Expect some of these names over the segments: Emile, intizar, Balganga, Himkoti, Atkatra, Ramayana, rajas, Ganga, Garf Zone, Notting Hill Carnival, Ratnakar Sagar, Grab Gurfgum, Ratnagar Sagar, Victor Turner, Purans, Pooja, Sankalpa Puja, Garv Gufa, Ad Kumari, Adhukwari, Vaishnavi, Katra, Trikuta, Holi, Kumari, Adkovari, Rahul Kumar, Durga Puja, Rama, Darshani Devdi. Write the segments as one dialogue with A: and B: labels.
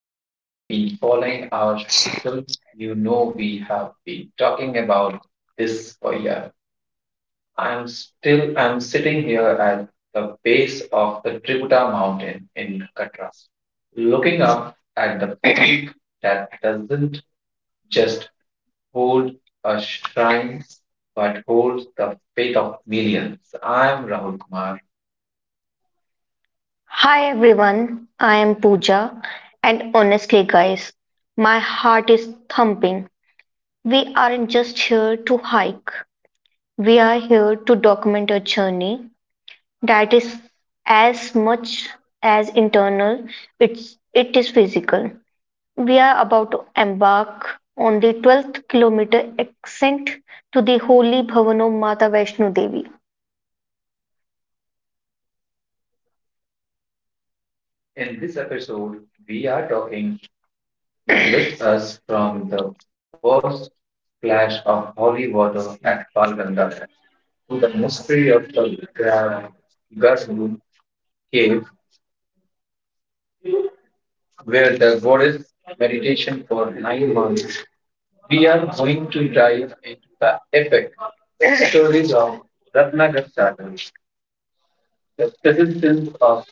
A: you have been following our social, you know we have been talking about this for years. I am sitting here at the base of the Trikuta mountain in Katra, looking up at the peak that doesn't just hold a shrine but holds the faith of millions. I am Rahul Kumar.
B: Hi everyone, I am Pooja, and honestly, guys, my heart is thumping. We aren't just here to hike, we are here to document a journey that is as much as internal, it is physical. We are about to embark on the 12th kilometer ascent to the holy Bhavano Mata Vaishno Devi.
A: In this episode, we are talking you with us from the first splash of holy water at Balganga to the mystery of the Grab Gurfgum cave where the goddess meditation for 9 months. We are going to dive into the epic, the stories of Ratnagar Sagar, the persistence of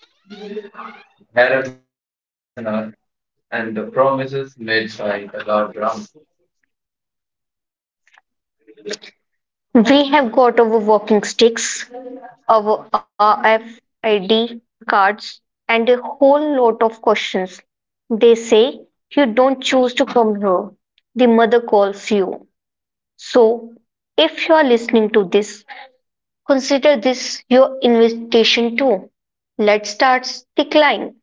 A: Bhairavnath and the promises made by the Lord Rama.
B: We have got our walking sticks, our RFID cards, and a whole lot of questions. They say you don't choose to come here. The mother calls you. So, if you are listening to this, consider this your invitation too. Let's start the climb.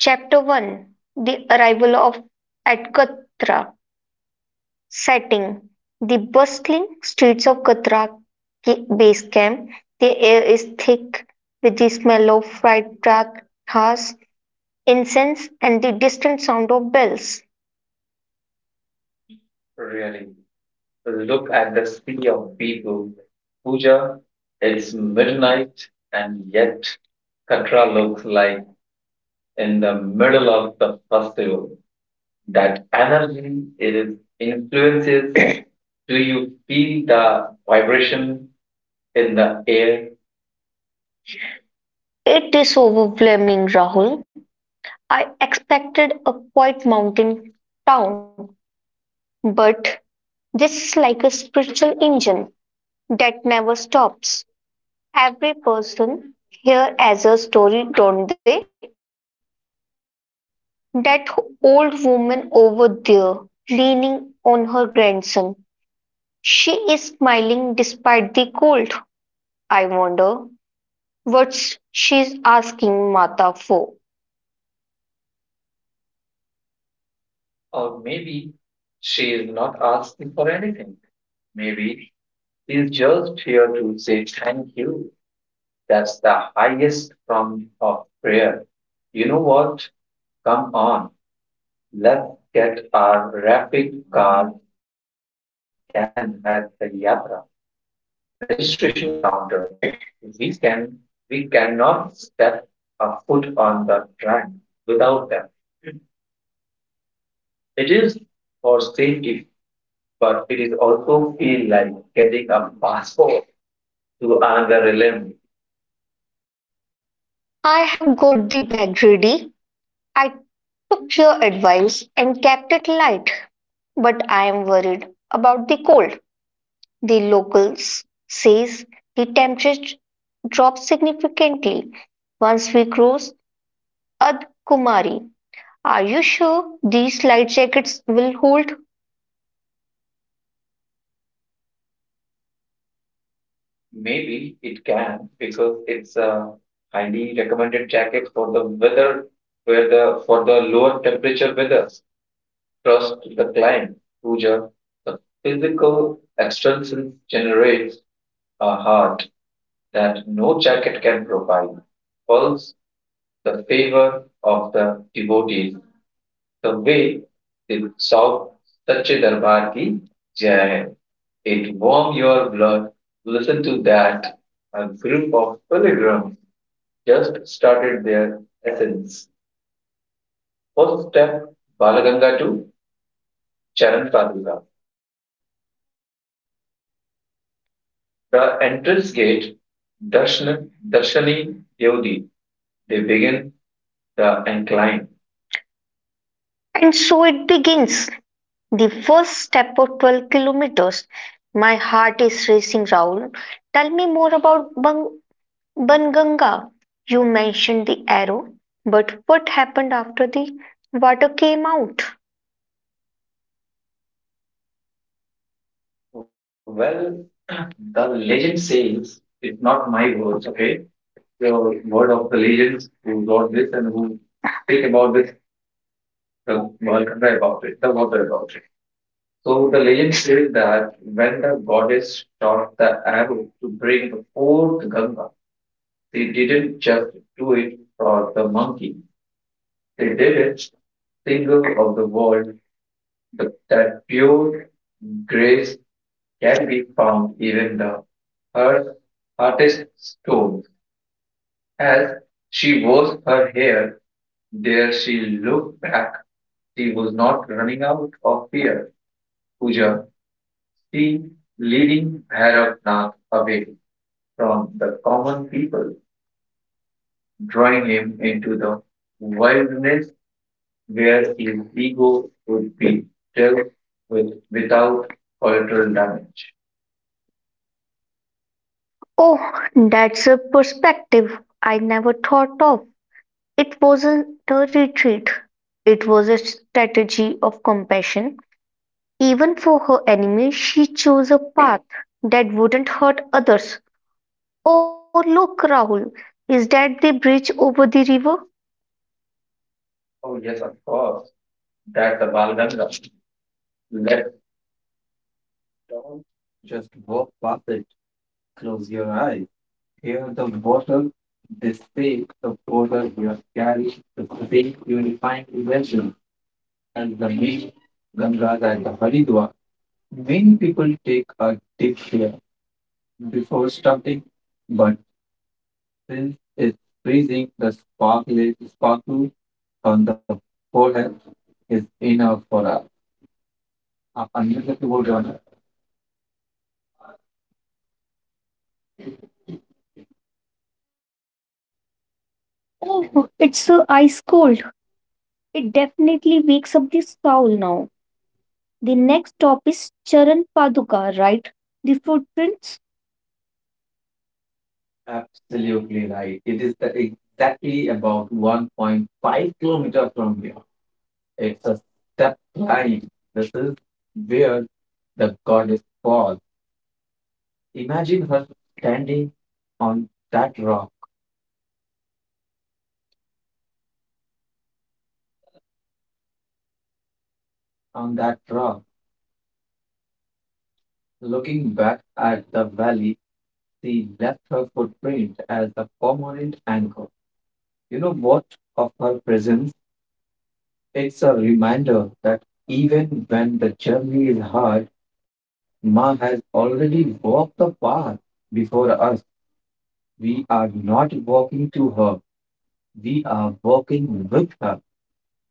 B: Chapter 1: The Arrival of Atkatra. Setting: the bustling streets of Katra base camp. The air is thick with the smell of fried pratas, incense, and the distant sound of bells.
A: Really, look at the sea of people. Pooja, it's midnight, and yet Katra looks like in the middle of the festival. That energy, it is influences. Do you feel the vibration in the air?
B: It is overwhelming, Rahul. I expected a quiet mountain town, but this is like a spiritual engine that never stops. Every person here has a story, don't they? That old woman over there, leaning on her grandson. She is smiling despite the cold. I wonder what she's asking Mata for.
A: Or maybe she is not asking for anything. Maybe she is just here to say thank you. That's the highest form of prayer. You know what? Come on, let's get our rapid card scan at the Yatra registration counter. We can we cannot step a foot on the track without them. It is for safety, but it is also feel like getting a passport to another realm.
B: I have got the bag ready. I took your advice and kept it light, but I am worried about the cold. The locals says the temperature drops significantly once we cross Ad Kumari. Are you sure these light jackets will hold?
A: Maybe it can because it's a highly recommended jacket for the weather where the for the lower temperature weather. Trust the climb, puja, the physical extensions generates a heart that no jacket can provide. Pulse, the favor of the devotees, the way they shout Sache Darbar ki Jai. It warms your blood. Listen to that. A group of pilgrims just started their ascent. First step, Balaganga to Charan Paduka, the entrance gate Darshana, Darshani Devdi. They begin the incline.
B: And so it begins. The first step of 12 kilometers. My heart is racing, Raul. Tell me more about Banganga. You mentioned the arrow, but what happened after the water came out?
A: Well, the legend says it's not my words, okay? It's a word of the legends who wrote this and who speak about this, the Balkhanga about it, the water about it. So the legend says that when the goddess shot the arrow to bring the fourth Ganga, she didn't just do it for the monkey, she did it single of the world the, that pure grace can be found even the hearse, hardest stones. As she was her hair, there she looked back. She was not running out of fear. Puja, she leading Bhairavath away from the common people, drawing him into the wilderness where his ego could be dealt with without collateral damage.
B: Oh, that's a perspective I never thought of. It wasn't a retreat, it was a strategy of compassion. Even for her enemies, she chose a path that wouldn't hurt others. Oh, look, Rahul, is that the bridge over the river?
A: Oh, yes, of course. That's a Bal Ganga. Let's take a moment. Don't just walk past it. Close your eyes. Hear the water. They say the water here carry the same purifying essence as the main Gangas at the Haridwar, many people take a dip here before starting, but since it's freezing, the sparkling sparkle on the forehead is enough for us.
B: Oh, it's so ice cold. It definitely wakes up the soul now. The next stop is Charan Paduka, right? The footprints?
A: Absolutely right. It is the exactly about 1.5 km kilometer from here. It's a step climb. This is where the goddess paused. Imagine her standing on that rock, on that rock, looking back at the valley. She left her footprint as the permanent anchor. You know what of her presence? It's a reminder that even when the journey is hard, Ma has already walked the path before us. We are not walking to her, we are walking with her.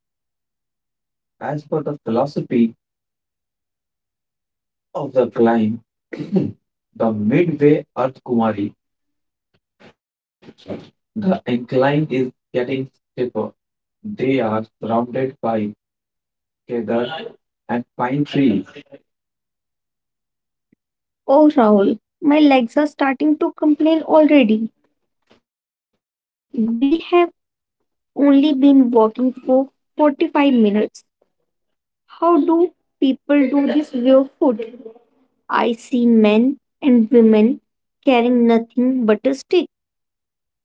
A: As per the philosophy of the climb, the midway Earth Kumari, the incline is getting steeper. They are surrounded by cedar and pine trees.
B: Oh, Rahul, my legs are starting to complain already. We have only been walking for 45 minutes. How do people do this barefoot? I see men and women carrying nothing but a stick,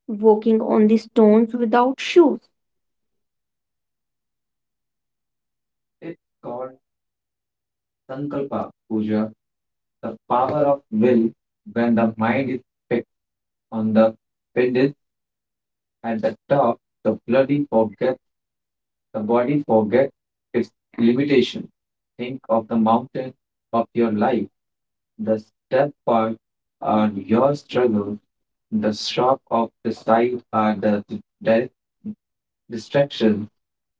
B: walking on the stones without shoes.
A: It's called Sankalpa Puja, the power of will when the mind is fixed on the pinnacle at the top, the body forgets its limitations. Think of the mountain of your life. The step path are your struggles. The shop of the side are the direct distractions.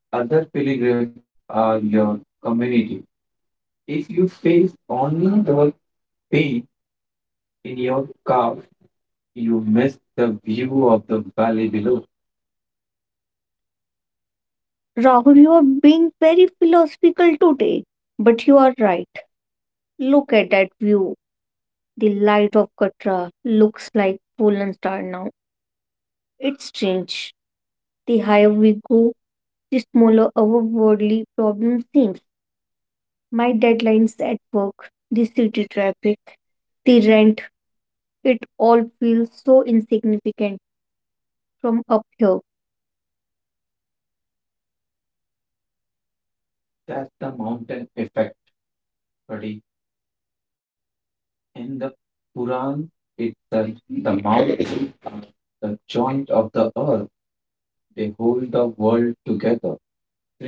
A: The other pilgrims are your community. If you face only the pain in your calf, you miss the view of the valley below.
B: Rahul, you are being very philosophical today, but you are right. Look at that view. The light of Katra looks like fallen star now. It's strange. The higher we go, the smaller our worldly problem seems. My deadlines at work, the city traffic, the rent, it all feels so insignificant from up here.
A: That's the mountain effect, buddy. In the Purans it said, the mountains are the joint of the earth. They hold the world together.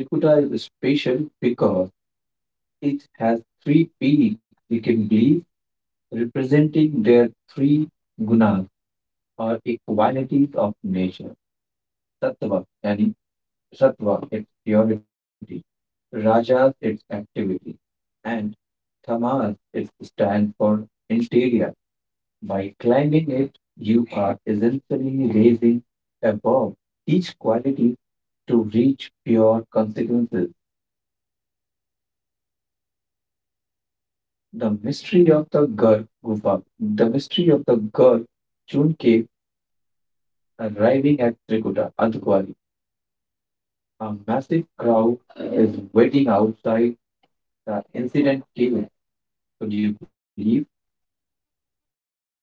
A: Trikuta is special because it has three peaks, you can believe, representing their three gunas or equalities of nature. Sattva yani sattva its purity, rajas its activity, and tamas its stand for interior. By climbing it, you are essentially raising above these qualities to reach pure consequences. The mystery of the Garv Gufa, the mystery of the Garv June cave, arriving at Trikuta, Adhukwari. A massive crowd is waiting outside the incident cave. Could you believe?
B: Oh,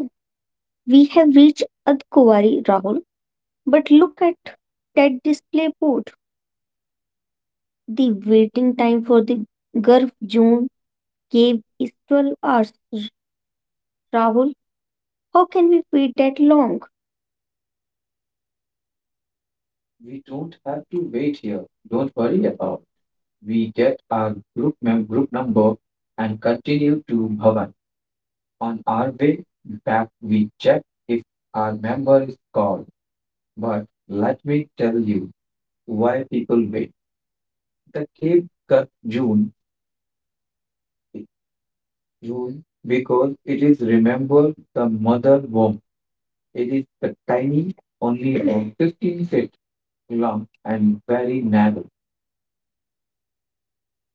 B: we have reached Adkovari, Rahul. But look at that display board. The waiting time for the Garf Zone cave is 12 hours. Rahul, how can we wait that long?
A: We don't have to wait here. Don't worry about. We get our group number and continue to Bhavan. On our way back, we check if our member is called. But let me tell you why people wait. The cave curve June because it is remember the mother womb. It is the tiny, only about 15 feet long and very narrow.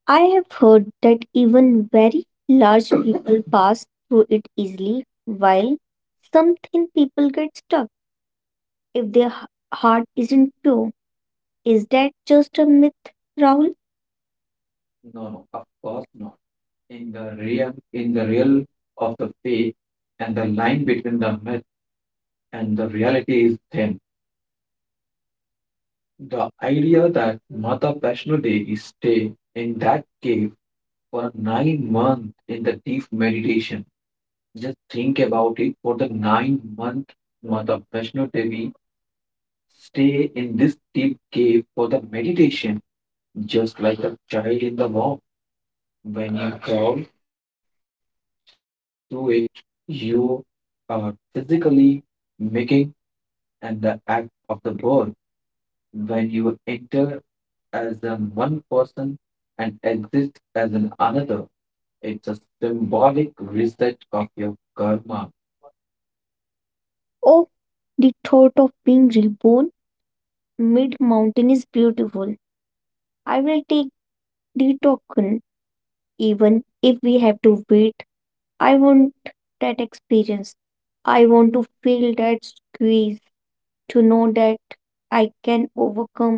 B: I have heard that even very large people pass through it easily, while some thin people get stuck if their heart isn't pure. Is that just a myth, Rahul?
A: No, no, of course not. In the realm of the faith, and the line between the myth and the reality is thin. The idea that Mata Vaishno Devi stay in that cave for a 9 months in the deep meditation. Just think about it for the 9 months Mata Vaishno Devi stay in this deep cave for the meditation, just like a child in the womb. When you crawl through it, you are physically making and the act of the birth. When you enter as an one person and exit as an another, it's a symbolic reset of your karma.
B: Oh, the thought of being reborn mid mountain is beautiful. I will take the token even if we have to wait. I want that experience. I want to feel that squeeze, to know that I can overcome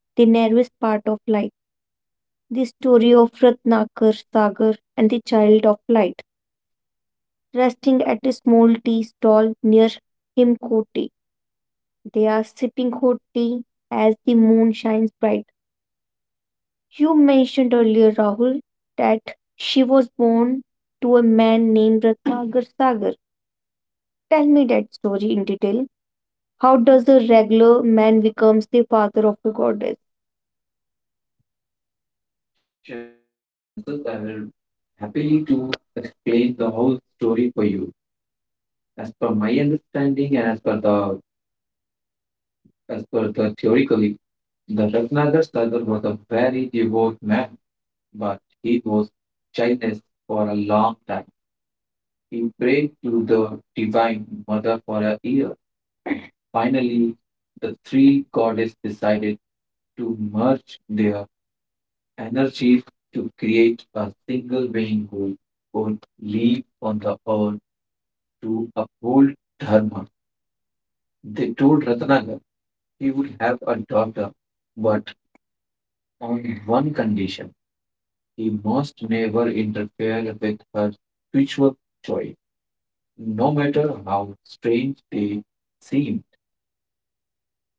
B: the nervous part of life. The story of Ratnakar Sagar and the Child of Light, resting at a small tea stall near Himkoti. They are sipping hot tea as the moon shines brightly. You mentioned earlier, Rahul, that she was born to a man named Ratnagar Sagar. Tell me that story in detail. How does a regular man becomes the father of a goddess?
A: Sure, if you insist, I will happily to explain the whole story for you. As per my understanding and as per the theoretically, the Ratnagar Sagar was a very devout man, but he was childless for a long time. He prayed to the divine mother for a year. Finally, the three goddesses decided to merge their energies to create a single being who would live on the earth to uphold dharma. They told Ratnagar he would have a daughter but on one condition: he must never interfere with her spiritual choice, no matter how strange they seemed.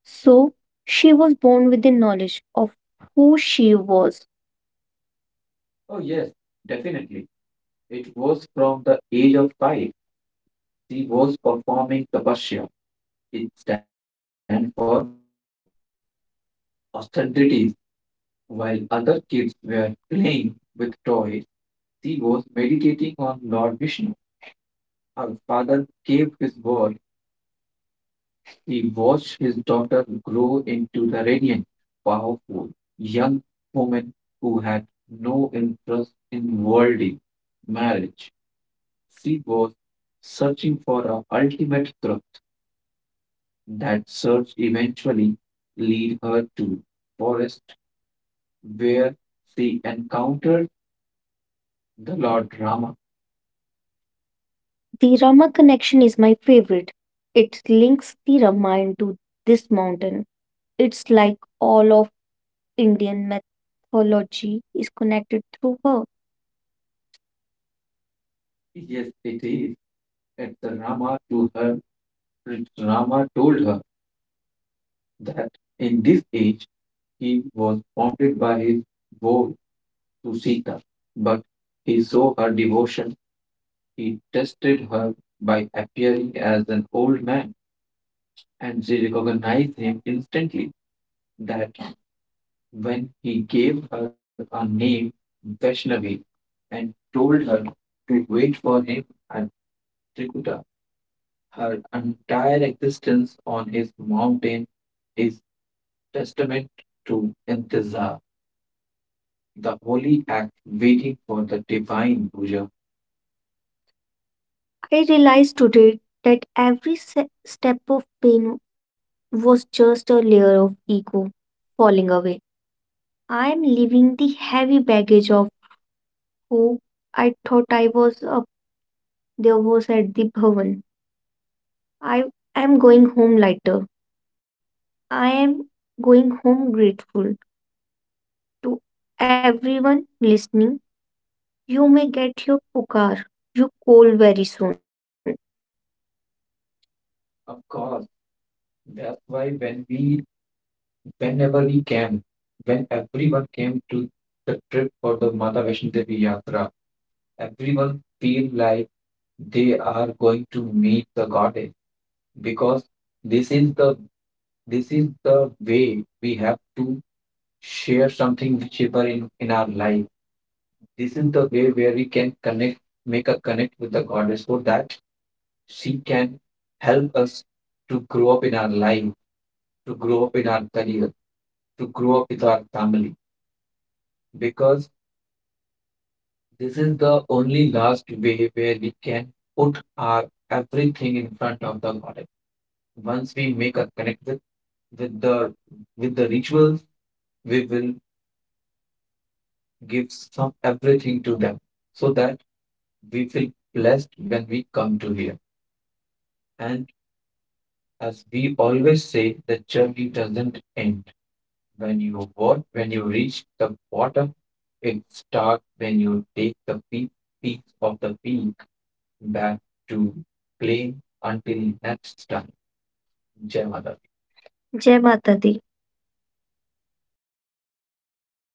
B: So, she was born with the knowledge of who she was.
A: Oh, yes, definitely. It was from the age of 5. She was performing tapasya. It stands for austerities. While other kids were playing with toys, she was meditating on Lord Vishnu. Her father kept his word. He watched his daughter grow into the radiant, powerful young woman who had no interest in worldly marriage. She was searching for a ultimate truth. That search eventually led her to forest where she encountered the Lord Rama.
B: The Rama connection is my favorite. It links the Ramayana to this mountain. It's like all of Indian mythology is connected through her.
A: Yes, it is. It's Rama to her. It's Rama told her that in this age he was bounded by his vow to Sita, but he saw her devotion. He tested her by appearing as an old man, and she recognized him instantly. That when he gave her a name, Vaishnavi, and told her to wait for him at Trikuta, her entire existence on his mountain is testament to intizar, the holy act waiting for the divine puja.
B: I realized today that every step of pain was just a layer of ego falling away. I am leaving the heavy baggage of who I thought I was up there was at the bhavan. I am going home lighter. I am going home grateful to everyone listening. You may get your pukar, you call very soon. Jai Mata Di.